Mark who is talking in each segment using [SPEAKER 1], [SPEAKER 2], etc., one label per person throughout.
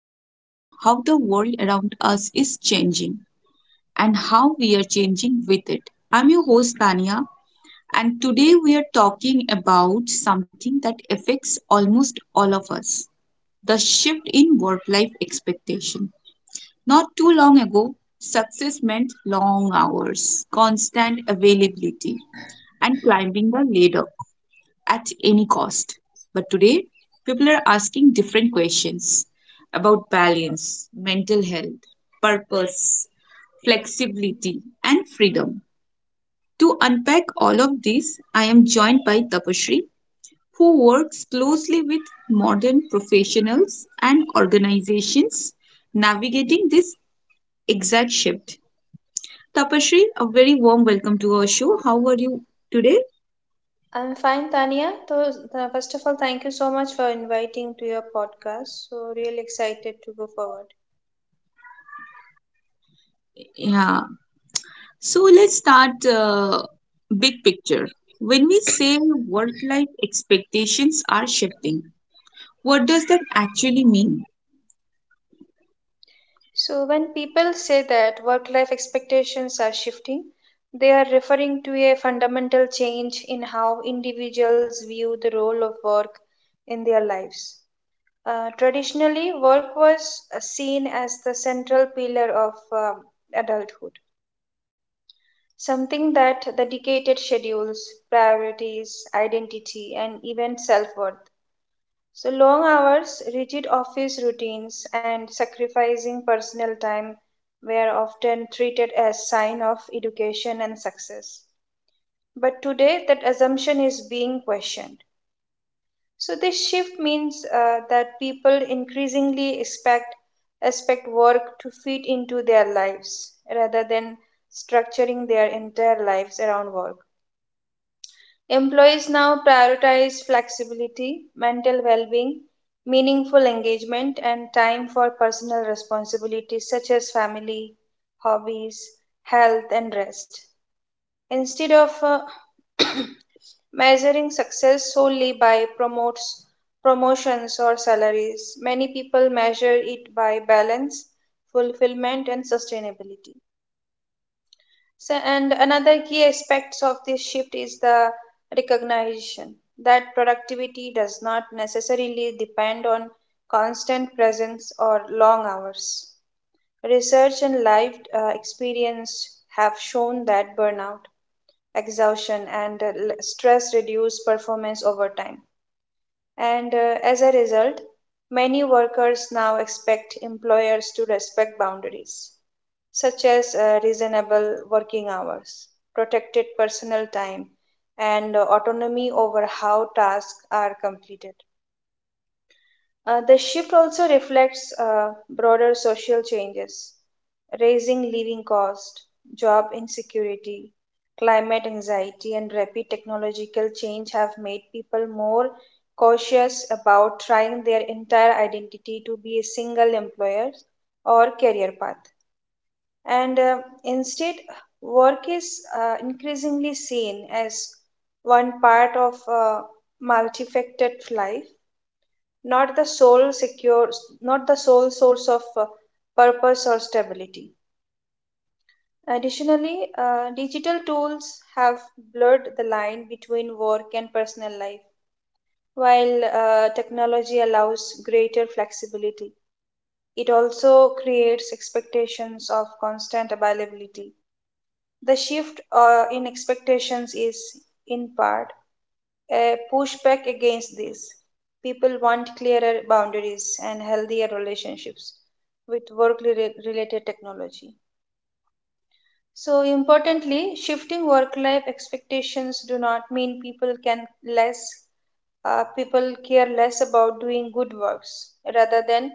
[SPEAKER 1] explore how the world around us is changing and how we are changing with it. I'm your host Tania, and today we are talking about something that affects almost all of us, the shift in work life expectation. Not too long ago, success meant long hours, constant availability, and climbing the ladder at any cost. But today, people are asking different questions about balance, mental health, purpose, flexibility, and freedom. To unpack all of this, I am joined by Tapasree, who works closely with modern professionals and organizations navigating this exact shift. Tapasree, a very warm welcome to our show. How are you today?
[SPEAKER 2] I'm fine, Tania. So, first of all, thank you so much for inviting to your podcast. So, really excited to go forward.
[SPEAKER 1] Yeah. So let's start big picture. When we say work life expectations are shifting, what does that actually mean?
[SPEAKER 2] So, when people say that work life expectations are shifting, they are referring to a fundamental change in how individuals view the role of work in their lives. Traditionally, work was seen as the central pillar of um adulthood. Something that the dictated schedules, priorities, identity, and even self worth. So, long hours, rigid office routines, and sacrificing personal time were often treated as sign of education and success. But today, that assumption is being questioned. So, this shift means that people increasingly expect work to fit into their lives rather than structuring their entire lives around work. Employees now prioritize flexibility, mental well being, meaningful engagement, and time for personal responsibilities such as family, hobbies, health, and rest. Instead of measuring success solely by promotions or salaries, many people measure it by balance, fulfillment, and sustainability. So, and another key aspects of this shift is the recognition that productivity does not necessarily depend on constant presence or long hours. Research and life experience have shown that burnout, exhaustion, and stress reduce performance over time. And as a result, many workers now expect employers to respect boundaries such as reasonable working hours, protected personal time, and autonomy over how tasks are completed. The shift also reflects broader social changes, raising living costs, job insecurity, climate anxiety, and rapid technological change have made people more cautious about trying their entire identity to be a single employer or career path, and instead, work is increasingly seen as one part of a multifaceted life, not the sole secure not the sole source of purpose or stability. Additionally, digital tools have blurred the line between work and personal life. While technology allows greater flexibility, it also creates expectations of constant availability. The shift in expectations is, in part, a pushback against this. People want clearer boundaries and healthier relationships with work related technology. So, importantly, shifting work life expectations do not mean people care less about doing good works. Rather than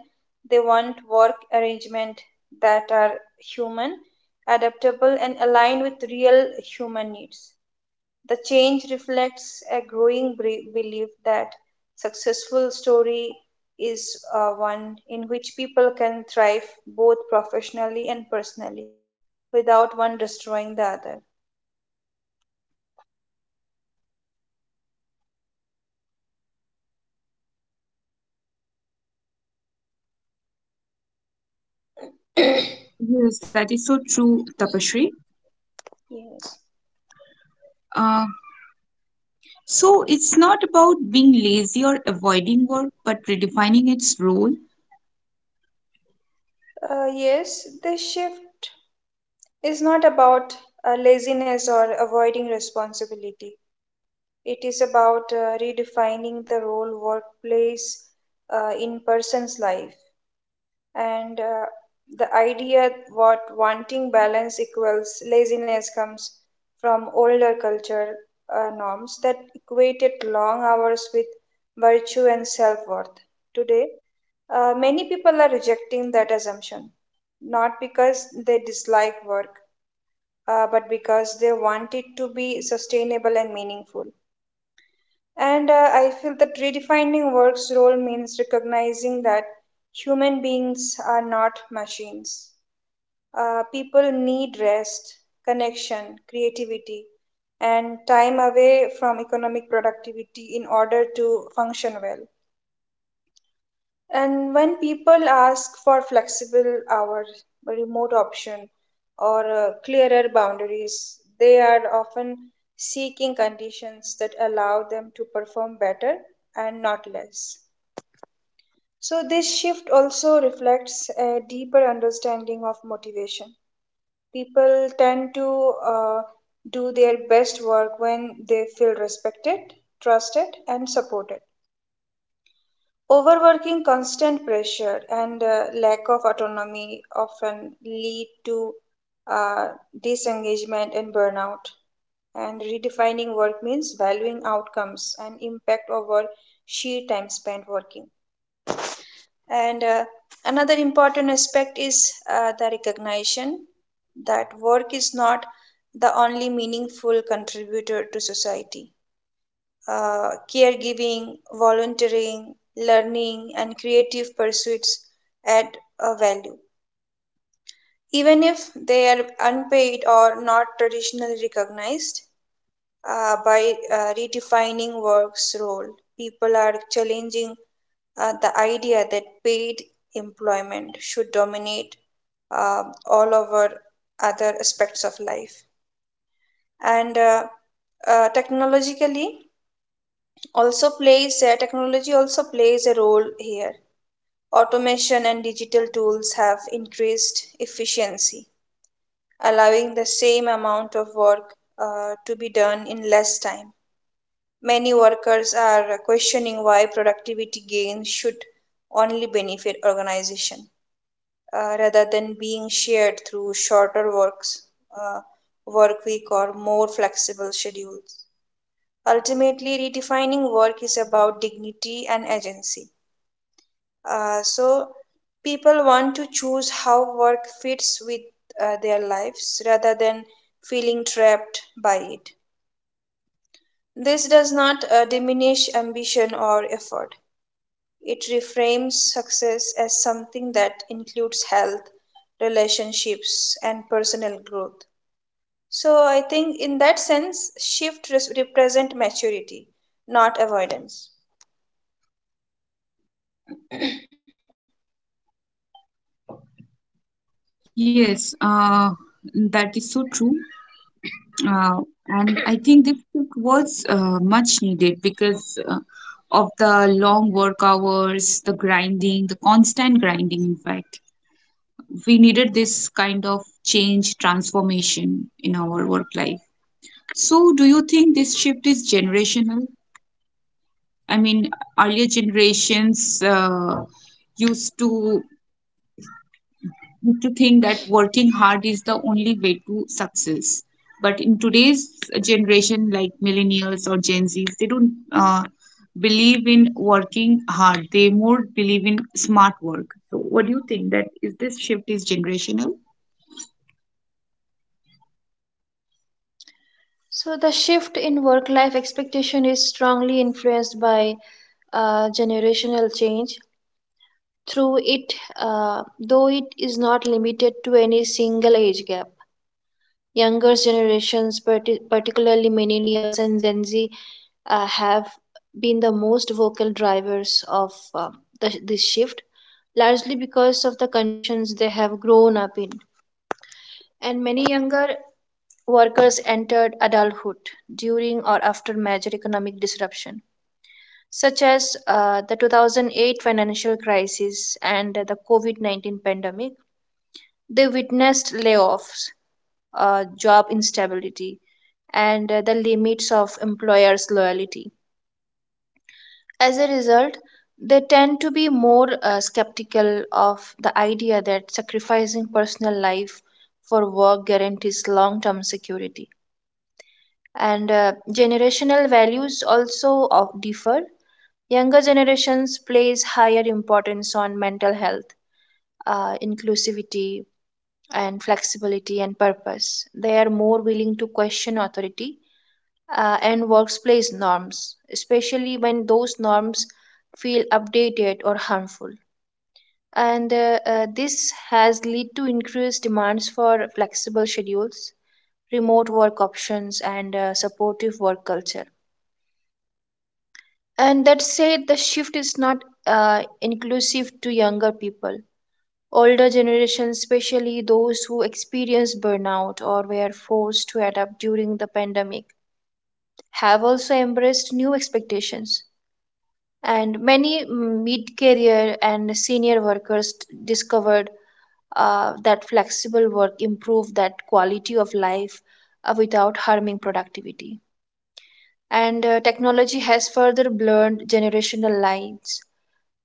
[SPEAKER 2] they want work arrangement that are human, adaptable, and aligned with real human needs. The change reflects a growing belief that successful story is one in which people can thrive both professionally and personally without one destroying the other.
[SPEAKER 1] Yes, that is so true, Tapashri.
[SPEAKER 2] Yes.
[SPEAKER 1] Uh, so it's not about being lazy or avoiding work, but redefining its role.
[SPEAKER 2] Yes, this shift is not about laziness or avoiding responsibility. It is about redefining the role workplace in person's life. And the idea what wanting balance equals laziness comes from older culture norms that equated long hours with virtue and self-worth. Today, many people are rejecting that assumption, not because they dislike work, but because they want it to be sustainable and meaningful. And I feel that redefining work's role means recognizing that human beings are not machines. Uh, people need rest, connection, creativity, and time away from economic productivity in order to function well. And when people ask for flexible hours, a remote option, or clearer boundaries, they are often seeking conditions that allow them to perform better and not less. So, this shift also reflects a deeper understanding of motivation. People tend to do their best work when they feel respected, trusted, and supported. Overworking, constant pressure, and lack of autonomy often lead to uh, disengagement and burnout. And redefining work means valuing outcomes and impact over sheer time spent working. And another important aspect is the recognition that work is not the only meaningful contributor to society. Caregiving, volunteering, learning, and creative pursuits add a value, even if they are unpaid or not traditionally recognized by redefining work's role. People are challenging the idea that paid employment should dominate uh, all over other aspects of life. And technologically also plays Technology also plays a role here. Automation and digital tools have increased efficiency, allowing the same amount of work to be done in less time. Many workers are questioning why productivity gains should only benefit organization, rather than being shared through uh, work week, or more flexible schedules. Ultimately, redefining work is about dignity and agency. So, people want to choose how work fits with their lives rather than feeling trapped by it. This does not diminish ambition or effort. It reframes success as something that includes health, relationships, and personal growth. So I think in that sense, represent maturity, not avoidance.
[SPEAKER 1] Yes, that is so true. Uh, and I think this shift was much needed because of the long work hours, the grinding, the constant grinding. In fact, we needed this kind of change transformation in our work life. So do you think this shift is generational? I mean, earlier generations used to think that working hard is the only way to success, but in today's generation, like millennials or Gen Z's, they don't believe in working hard. They more believe in smart work. So what do you think? That is, this shift is generational?
[SPEAKER 2] So the shift in work life expectation is strongly influenced by generational change. Though it is not limited to any single age gap. Younger generations, particularly millennials and Gen Z, have been the most vocal drivers of this shift, largely because of the conditions they have grown up in. And many younger workers entered adulthood during or after major economic disruption, such as the 2008 financial crisis and the COVID -19 pandemic. They witnessed layoffs, job instability, and the limits of employers' loyalty. As a result, they tend to be more skeptical of the idea that sacrificing personal life for work guarantees long term security. And generational values also of differ. Younger generations place higher importance on mental health, inclusivity, and flexibility and purpose. They are more willing to question authority and workplace norms, especially when those norms feel updated or harmful. And this has led to increased demands for flexible schedules, remote work options, and supportive work culture. And that said, the shift is not inclusive to younger people. Older generations, especially those who experienced burnout or were forced to adapt during the pandemic, have also embraced new expectations, and many mid-career and senior workers discovered that flexible work improved that quality of life without harming productivity. And technology has further blurred generational lines.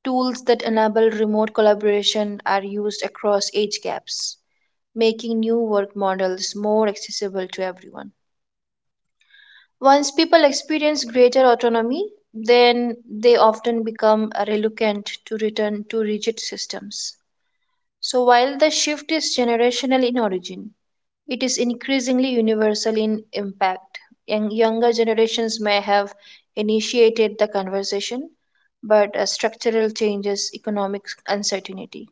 [SPEAKER 2] Tools that enable remote collaboration are used across age gaps, making new work models more accessible to everyone. Once people experience greater autonomy, then they often become reluctant to return to rigid systems. So, while the shift is generational in origin, it is increasingly universal in impact. Younger generations may have initiated the conversation, but structural changes, economic uncertainty,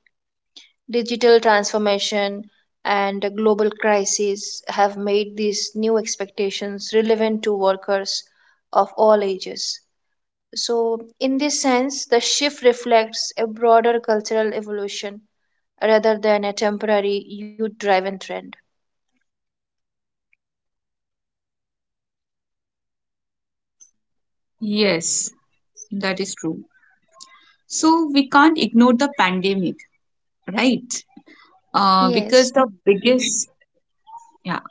[SPEAKER 2] digital transformation, and a global crises have made these new expectations relevant to workers of all ages. So, in this sense, the shift reflects a broader cultural evolution rather than a temporary youth driven trend.
[SPEAKER 1] Yes, that is true. So we can't ignore the pandemic, right? Uh,
[SPEAKER 2] Yes.
[SPEAKER 1] because the biggest, yeah,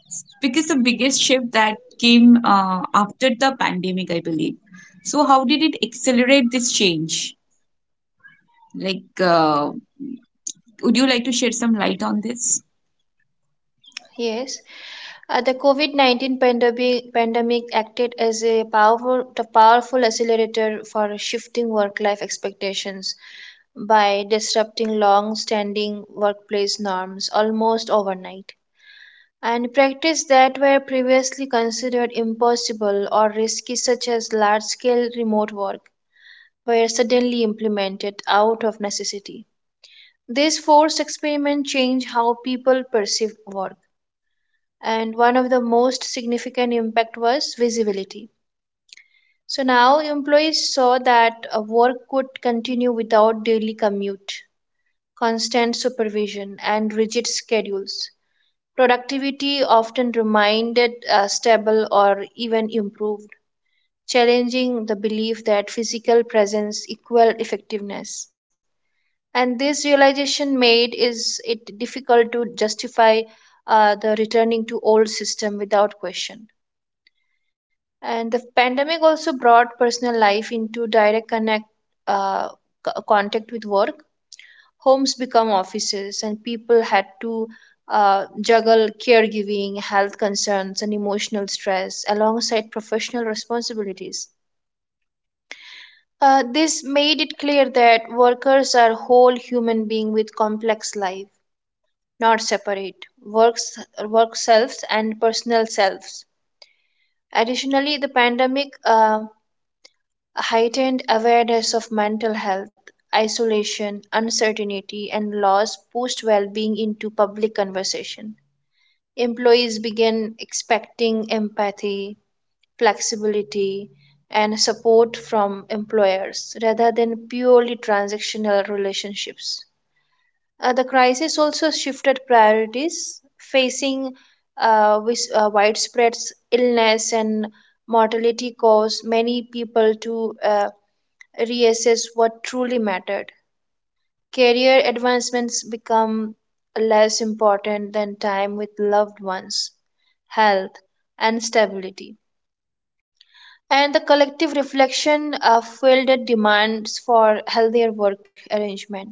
[SPEAKER 1] because the biggest shift that came after the pandemic, I believe. So how did it accelerate this change? Like, would you like to shed some light on this?
[SPEAKER 2] Yes, the COVID -19 pandemic acted as a powerful accelerator for shifting work life expectations by disrupting long standing workplace norms almost overnight. And practice that were previously considered impossible or risky, such as large scale remote work, were suddenly implemented out of necessity. This forced experiment changed how people perceive work, and one of the most significant impact was visibility. So now employees saw that work could continue without daily commute, constant supervision, and rigid schedules. Productivity often remained stable or even improved, challenging the belief that physical presence equal effectiveness. And this realization made is it difficult to justify the returning to old system without question. And the pandemic also brought personal life into direct uh, contact with work. Homes become offices, and people had to juggle caregiving, health concerns, and emotional stress alongside professional responsibilities. Uh, this made it clear that workers are whole human beings with complex life, not separate works work selves and personal selves. Additionally, the pandemic a heightened awareness of mental health, isolation, uncertainty, and loss pushed well being into public conversation. Employees began expecting empathy, flexibility, and support from employers rather than purely transactional relationships. The crisis also shifted priorities. Facing widespread illness and mortality caused many people to reassess what truly mattered. Career advancements become less important than time with loved ones, health, and stability. And the collective reflection fueled demands for healthier work arrangement.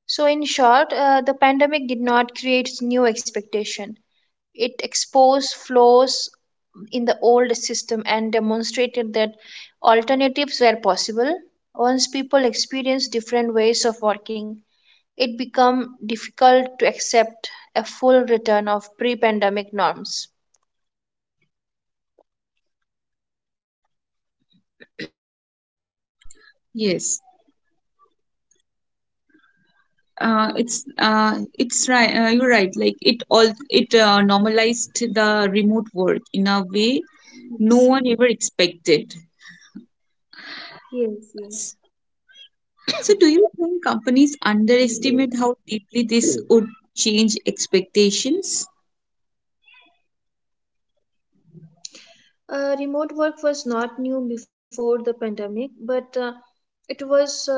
[SPEAKER 2] So in short, the pandemic did not create new expectation. It exposed flaws in the old system and demonstrated that alternatives were possible. Once people experienced different ways of working, it became difficult to accept a full return of pre-pandemic norms.
[SPEAKER 1] Yes. It's right. You're right. Like it normalized the remote work in a way no one ever
[SPEAKER 2] Yes,
[SPEAKER 1] expected.
[SPEAKER 2] yes,
[SPEAKER 1] So, do you think companies underestimate how deeply this would
[SPEAKER 2] yes.
[SPEAKER 1] change expectations?
[SPEAKER 2] Remote work was not new before the pandemic, but it was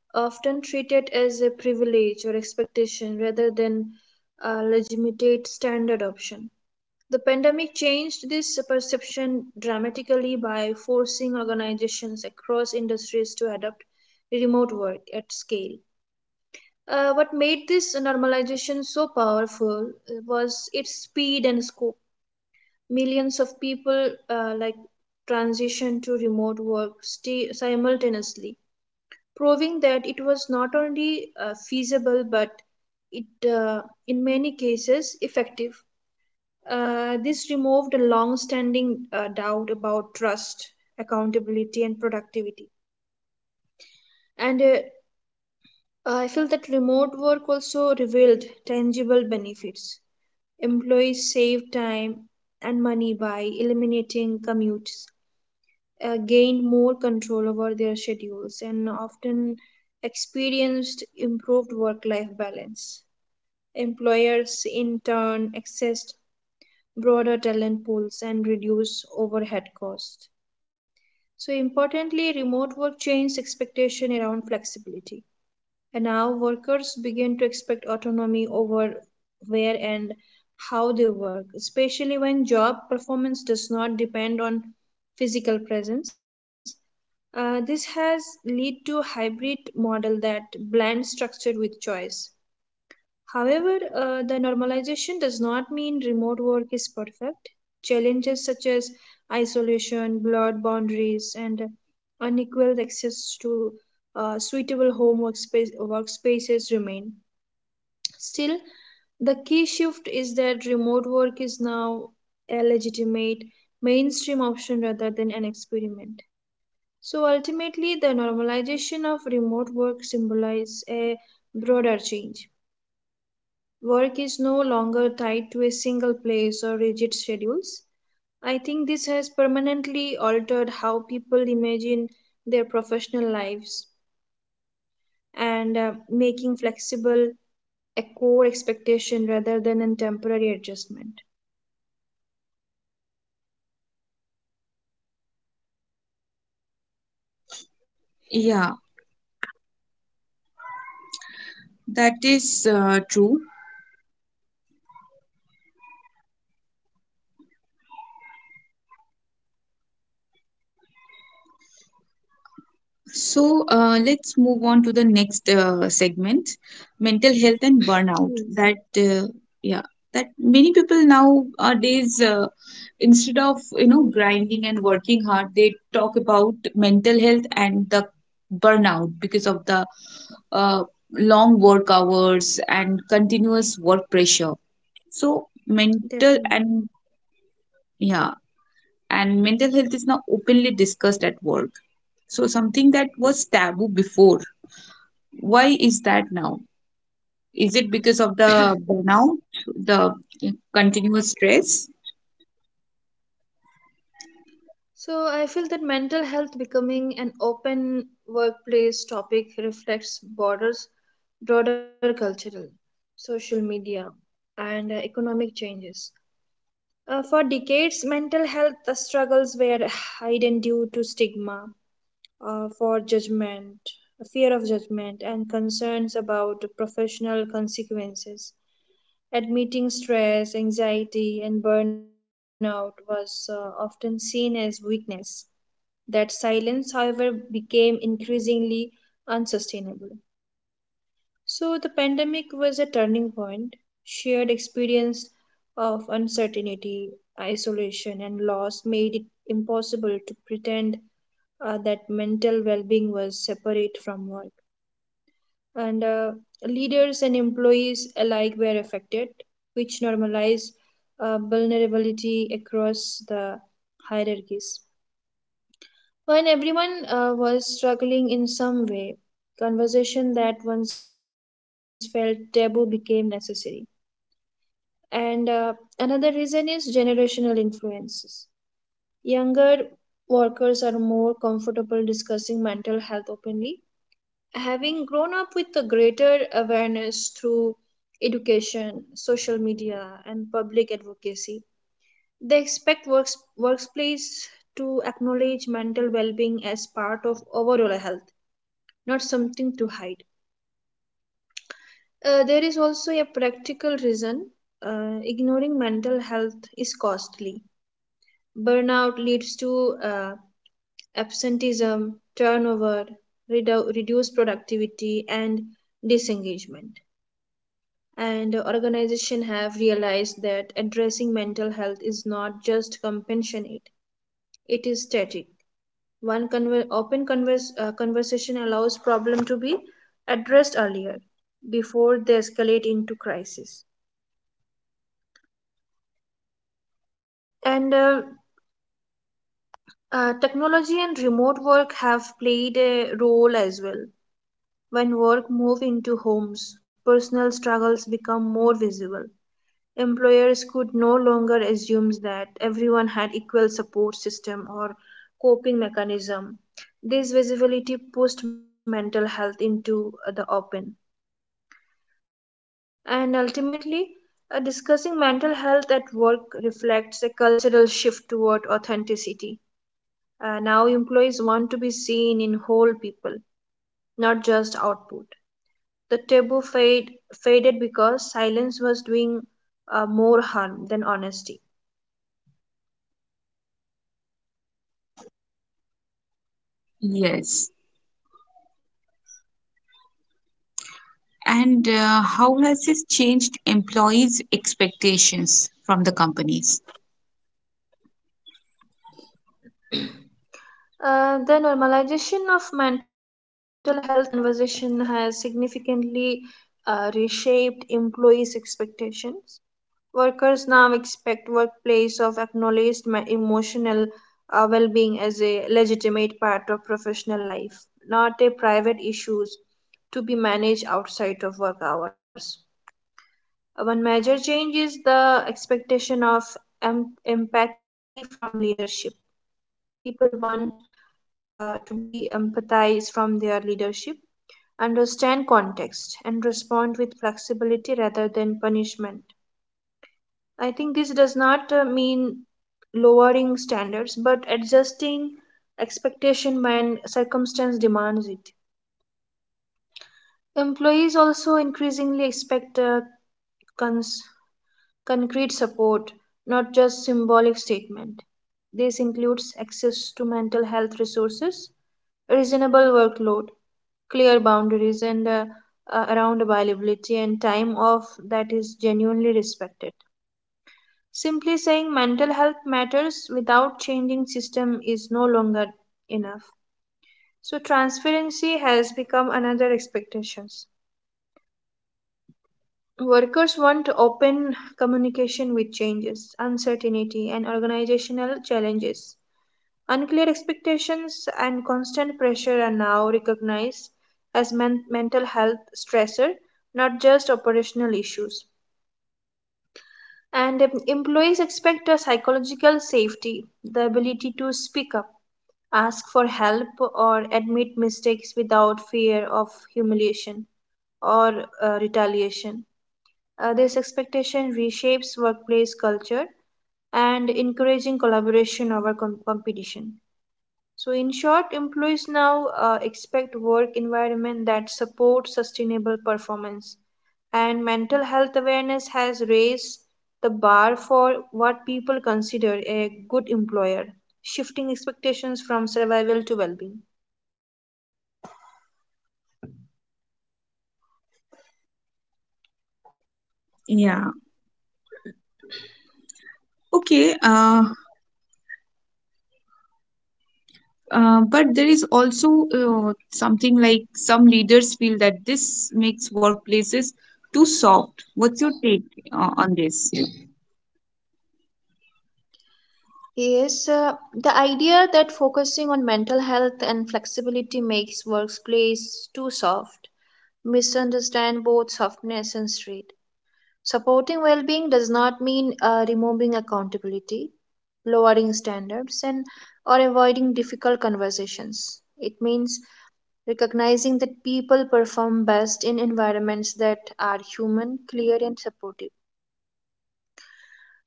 [SPEAKER 2] often treated as a privilege or expectation rather than a legitimate standard option. The pandemic changed this perception dramatically by forcing organizations across industries to adopt remote work at scale. What made this normalization so powerful was its speed and scope. Millions of people transition to remote work sti- simultaneously, proving that it was not only feasible but it in many cases effective. This removed a long standing doubt about trust, accountability and productivity. And I feel that remote work also revealed tangible benefits. Employees save time and money by eliminating commutes, gained more control over their schedules and often experienced improved work life balance. Employers, in turn, accessed broader talent pools and reduced overhead costs. So, importantly, remote work changed expectation around flexibility. And now workers begin to expect autonomy over where and how they work, especially when job performance does not depend on physical presence. This has led to a hybrid model that blends structure with choice. However, the normalization does not mean remote work is perfect. Challenges such as isolation, blurred boundaries, and unequal access to suitable workspaces remain. Still, the key shift is that remote work is now a legitimate mainstream option rather than an experiment. So ultimately, the normalization of remote work symbolizes a broader change. Work is no longer tied to a single place or rigid schedules. I think this has permanently altered how people imagine their professional lives, and making flexible a core expectation rather than a temporary adjustment.
[SPEAKER 1] Yeah, that is true. So let's move on to the next segment, mental health and burnout.
[SPEAKER 2] Yes,
[SPEAKER 1] That Yeah, that many people nowadays, instead of grinding and working hard, they talk about mental health and the burnout because of the uh, long work hours and continuous work pressure. So mental and
[SPEAKER 2] definitely.
[SPEAKER 1] Yeah, and mental health is now openly discussed at work. So something that was taboo before. Why is that now? Is it because of the burnout, the continuous stress?
[SPEAKER 2] So I feel that mental health becoming an open workplace topic reflects broader cultural, social media, and economic changes. For decades, mental health struggles were hidden due to stigma, uh, for judgment, fear of judgment, and concerns about professional consequences. Admitting stress, anxiety, and burnout was often seen as weakness. That silence, however, became increasingly unsustainable. So the pandemic was a turning point. Shared experience of uncertainty, isolation, and loss made it impossible to pretend that mental well-being was separate from work. And leaders and employees alike were affected, which normalized vulnerability across the hierarchies. When everyone was struggling in some way, conversation that once felt taboo became necessary. And another reason is generational influences. Younger workers are more comfortable discussing mental health openly, having grown up with a greater awareness through education, social media, and public advocacy. They expect workplace to acknowledge mental well-being as part of overall health, not something to hide. There is also a practical reason. Ignoring mental health is costly. Burnout leads to absenteeism, turnover, reduced productivity, and disengagement. And organizations have realized that addressing mental health is not just compassionate; it is static. Open conversation allows problem to be addressed earlier before they escalate into crisis. And technology and remote work have played a role as well. When work moved into homes, personal struggles became more visible. Employers could no longer assume that everyone had equal support system or coping mechanism. This visibility pushed mental health into the open. And ultimately, discussing mental health at work reflects a cultural shift toward authenticity. Now employees want to be seen in whole people, not just output. The faded because silence was doing more harm than honesty.
[SPEAKER 1] Yes. And how has this changed employees' expectations from the companies?
[SPEAKER 2] The normalization of mental health conversation has significantly reshaped employees' expectations. Workers now expect workplace of emotional well-being as a legitimate part of professional life, not a private issues to be managed outside of work hours. One major change is the expectation of empathy from leadership. People want to be empathized from their leadership, understand context, and respond with flexibility rather than punishment. I think this does not mean lowering standards but adjusting expectation when circumstance demands it. Employees also increasingly expect cons- concrete support, not just symbolic statement. This includes access to mental health resources, a reasonable workload, clear boundaries, and around availability and time off that is genuinely respected. Simply saying mental health matters without changing system is no longer enough. So transparency has become another expectations. Workers want open communication with changes, uncertainty, and organizational challenges. Unclear expectations and constant pressure are now recognized as mental health stressor, not just operational issues. And employees expect a psychological safety, the ability to speak up, ask for help, or admit mistakes without fear of humiliation or retaliation. This expectation reshapes workplace culture and encouraging collaboration over competition. So, in short, employees now expect work environment that supports sustainable performance, and mental health awareness has raised the bar for what people consider a good employer, shifting expectations from survival to well-being.
[SPEAKER 1] Yeah. Okay. But there is also something like, some leaders feel that this makes workplaces too soft. What's your take on this?
[SPEAKER 2] Yes, the idea that focusing on mental health and flexibility makes workplace too soft misunderstand both softness and strength. Supporting well-being does not mean removing accountability, lowering standards, and or avoiding difficult conversations. It means recognizing that people perform best in environments that are human, clear, and supportive.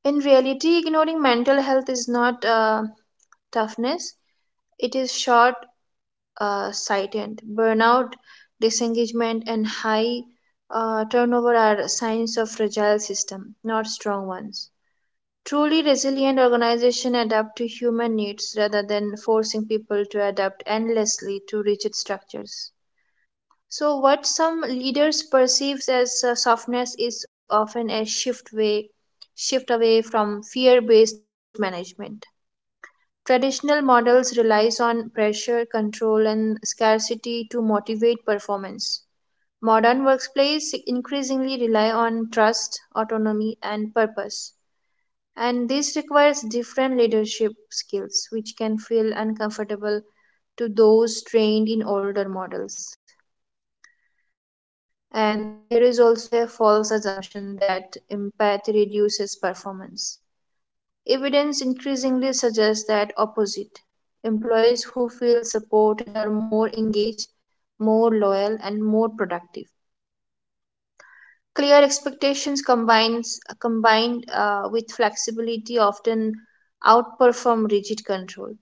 [SPEAKER 2] In reality, ignoring mental health is not toughness, it is short sighted. Burnout, disengagement, and high turnover are signs of fragile system, not strong ones. Truly resilient organizations adapt to human needs rather than forcing people to adapt endlessly to rigid structures. So, what some leaders perceives as softness is often a shift away from fear-based management. Traditional models relies on pressure, control, and scarcity to motivate performance. Modern workplace increasingly rely on trust, autonomy, and purpose. And this requires different leadership skills, which can feel uncomfortable to those trained in older models. And there is also a false assumption that empathy reduces performance. Evidence increasingly suggests that opposite. Employees who feel supported are more engaged, more loyal, and more productive. Clear expectations combined with flexibility often outperform rigid control.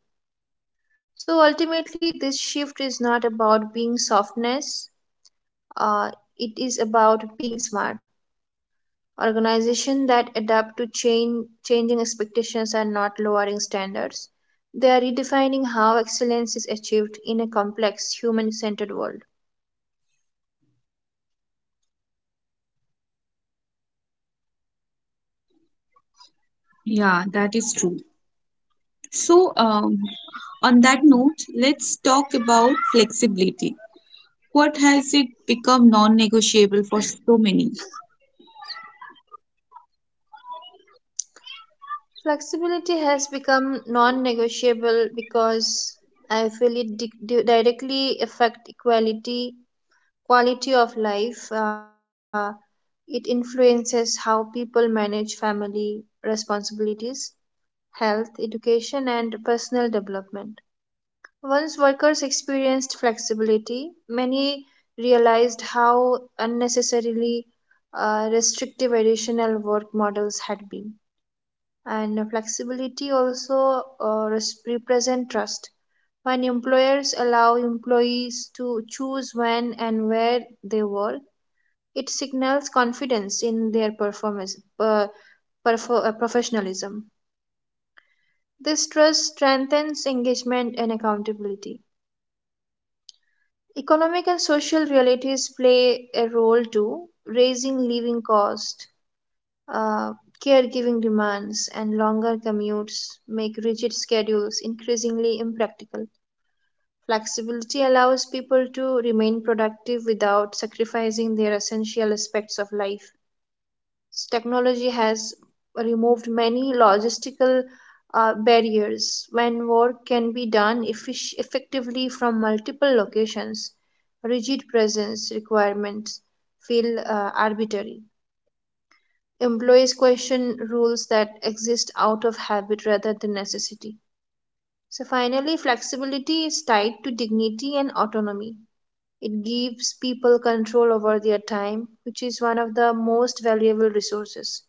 [SPEAKER 2] So ultimately, this shift is not about being softness, uh, it is about being smart. Organizations that adapt to changing expectations are not lowering standards. They are redefining how excellence is achieved in a complex, human centered world.
[SPEAKER 1] Yeah, that is true. So, on that note, let's talk about flexibility. What has it become non negotiable for so many?
[SPEAKER 2] Flexibility has become non negotiable because I feel it directly affects equality, quality of life. It influences how people manage family responsibilities, health, education, and personal development. Once workers experienced flexibility, many realized how unnecessarily restrictive additional work models had been. And flexibility also represent trust. When employers allow employees to choose when and where they work, it signals confidence in their performance, professionalism. This trust strengthens engagement and accountability. Economic and social realities play a role too, raising living costs, uh, caregiving demands, and longer commutes make rigid schedules increasingly impractical. Flexibility allows people to remain productive without sacrificing their essential aspects of life. Technology has removed many logistical barriers. When work can be done effectively from multiple locations, rigid presence requirements feel arbitrary. Employees question rules that exist out of habit rather than necessity. So finally, flexibility is tied to dignity and autonomy. It gives people control over their time, which is one of the most valuable resources.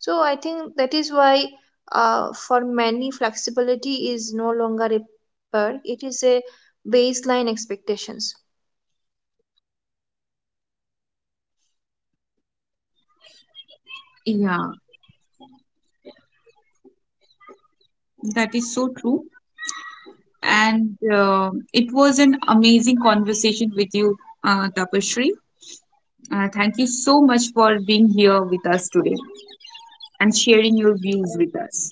[SPEAKER 2] So I think that is why, for many, flexibility is no longer a perk; it is a baseline expectations.
[SPEAKER 1] Yeah, that is so true. And it was an amazing conversation with you, Tapashri. Thank you so much for being here with us today and sharing your views
[SPEAKER 2] Okay.
[SPEAKER 1] with us.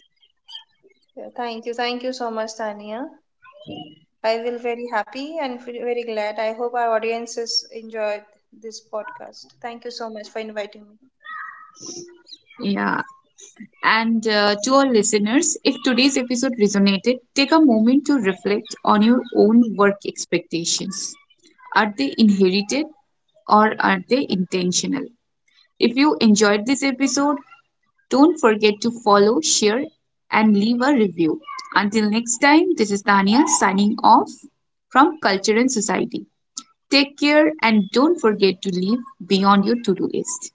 [SPEAKER 2] Yeah, thank you so much, Tania. I will very happy and feel very glad. I hope our audiences enjoyed this podcast. Thank you so much for inviting me.
[SPEAKER 1] Yeah. And to our listeners, if today's episode resonated, take a moment to reflect on your own work expectations. Are they inherited or are they intentional? If you enjoyed this episode, don't forget to follow, share, and leave a review. Until next time, this is Tania signing off from Culture and Society. Take care, and don't forget to leave beyond your to do list.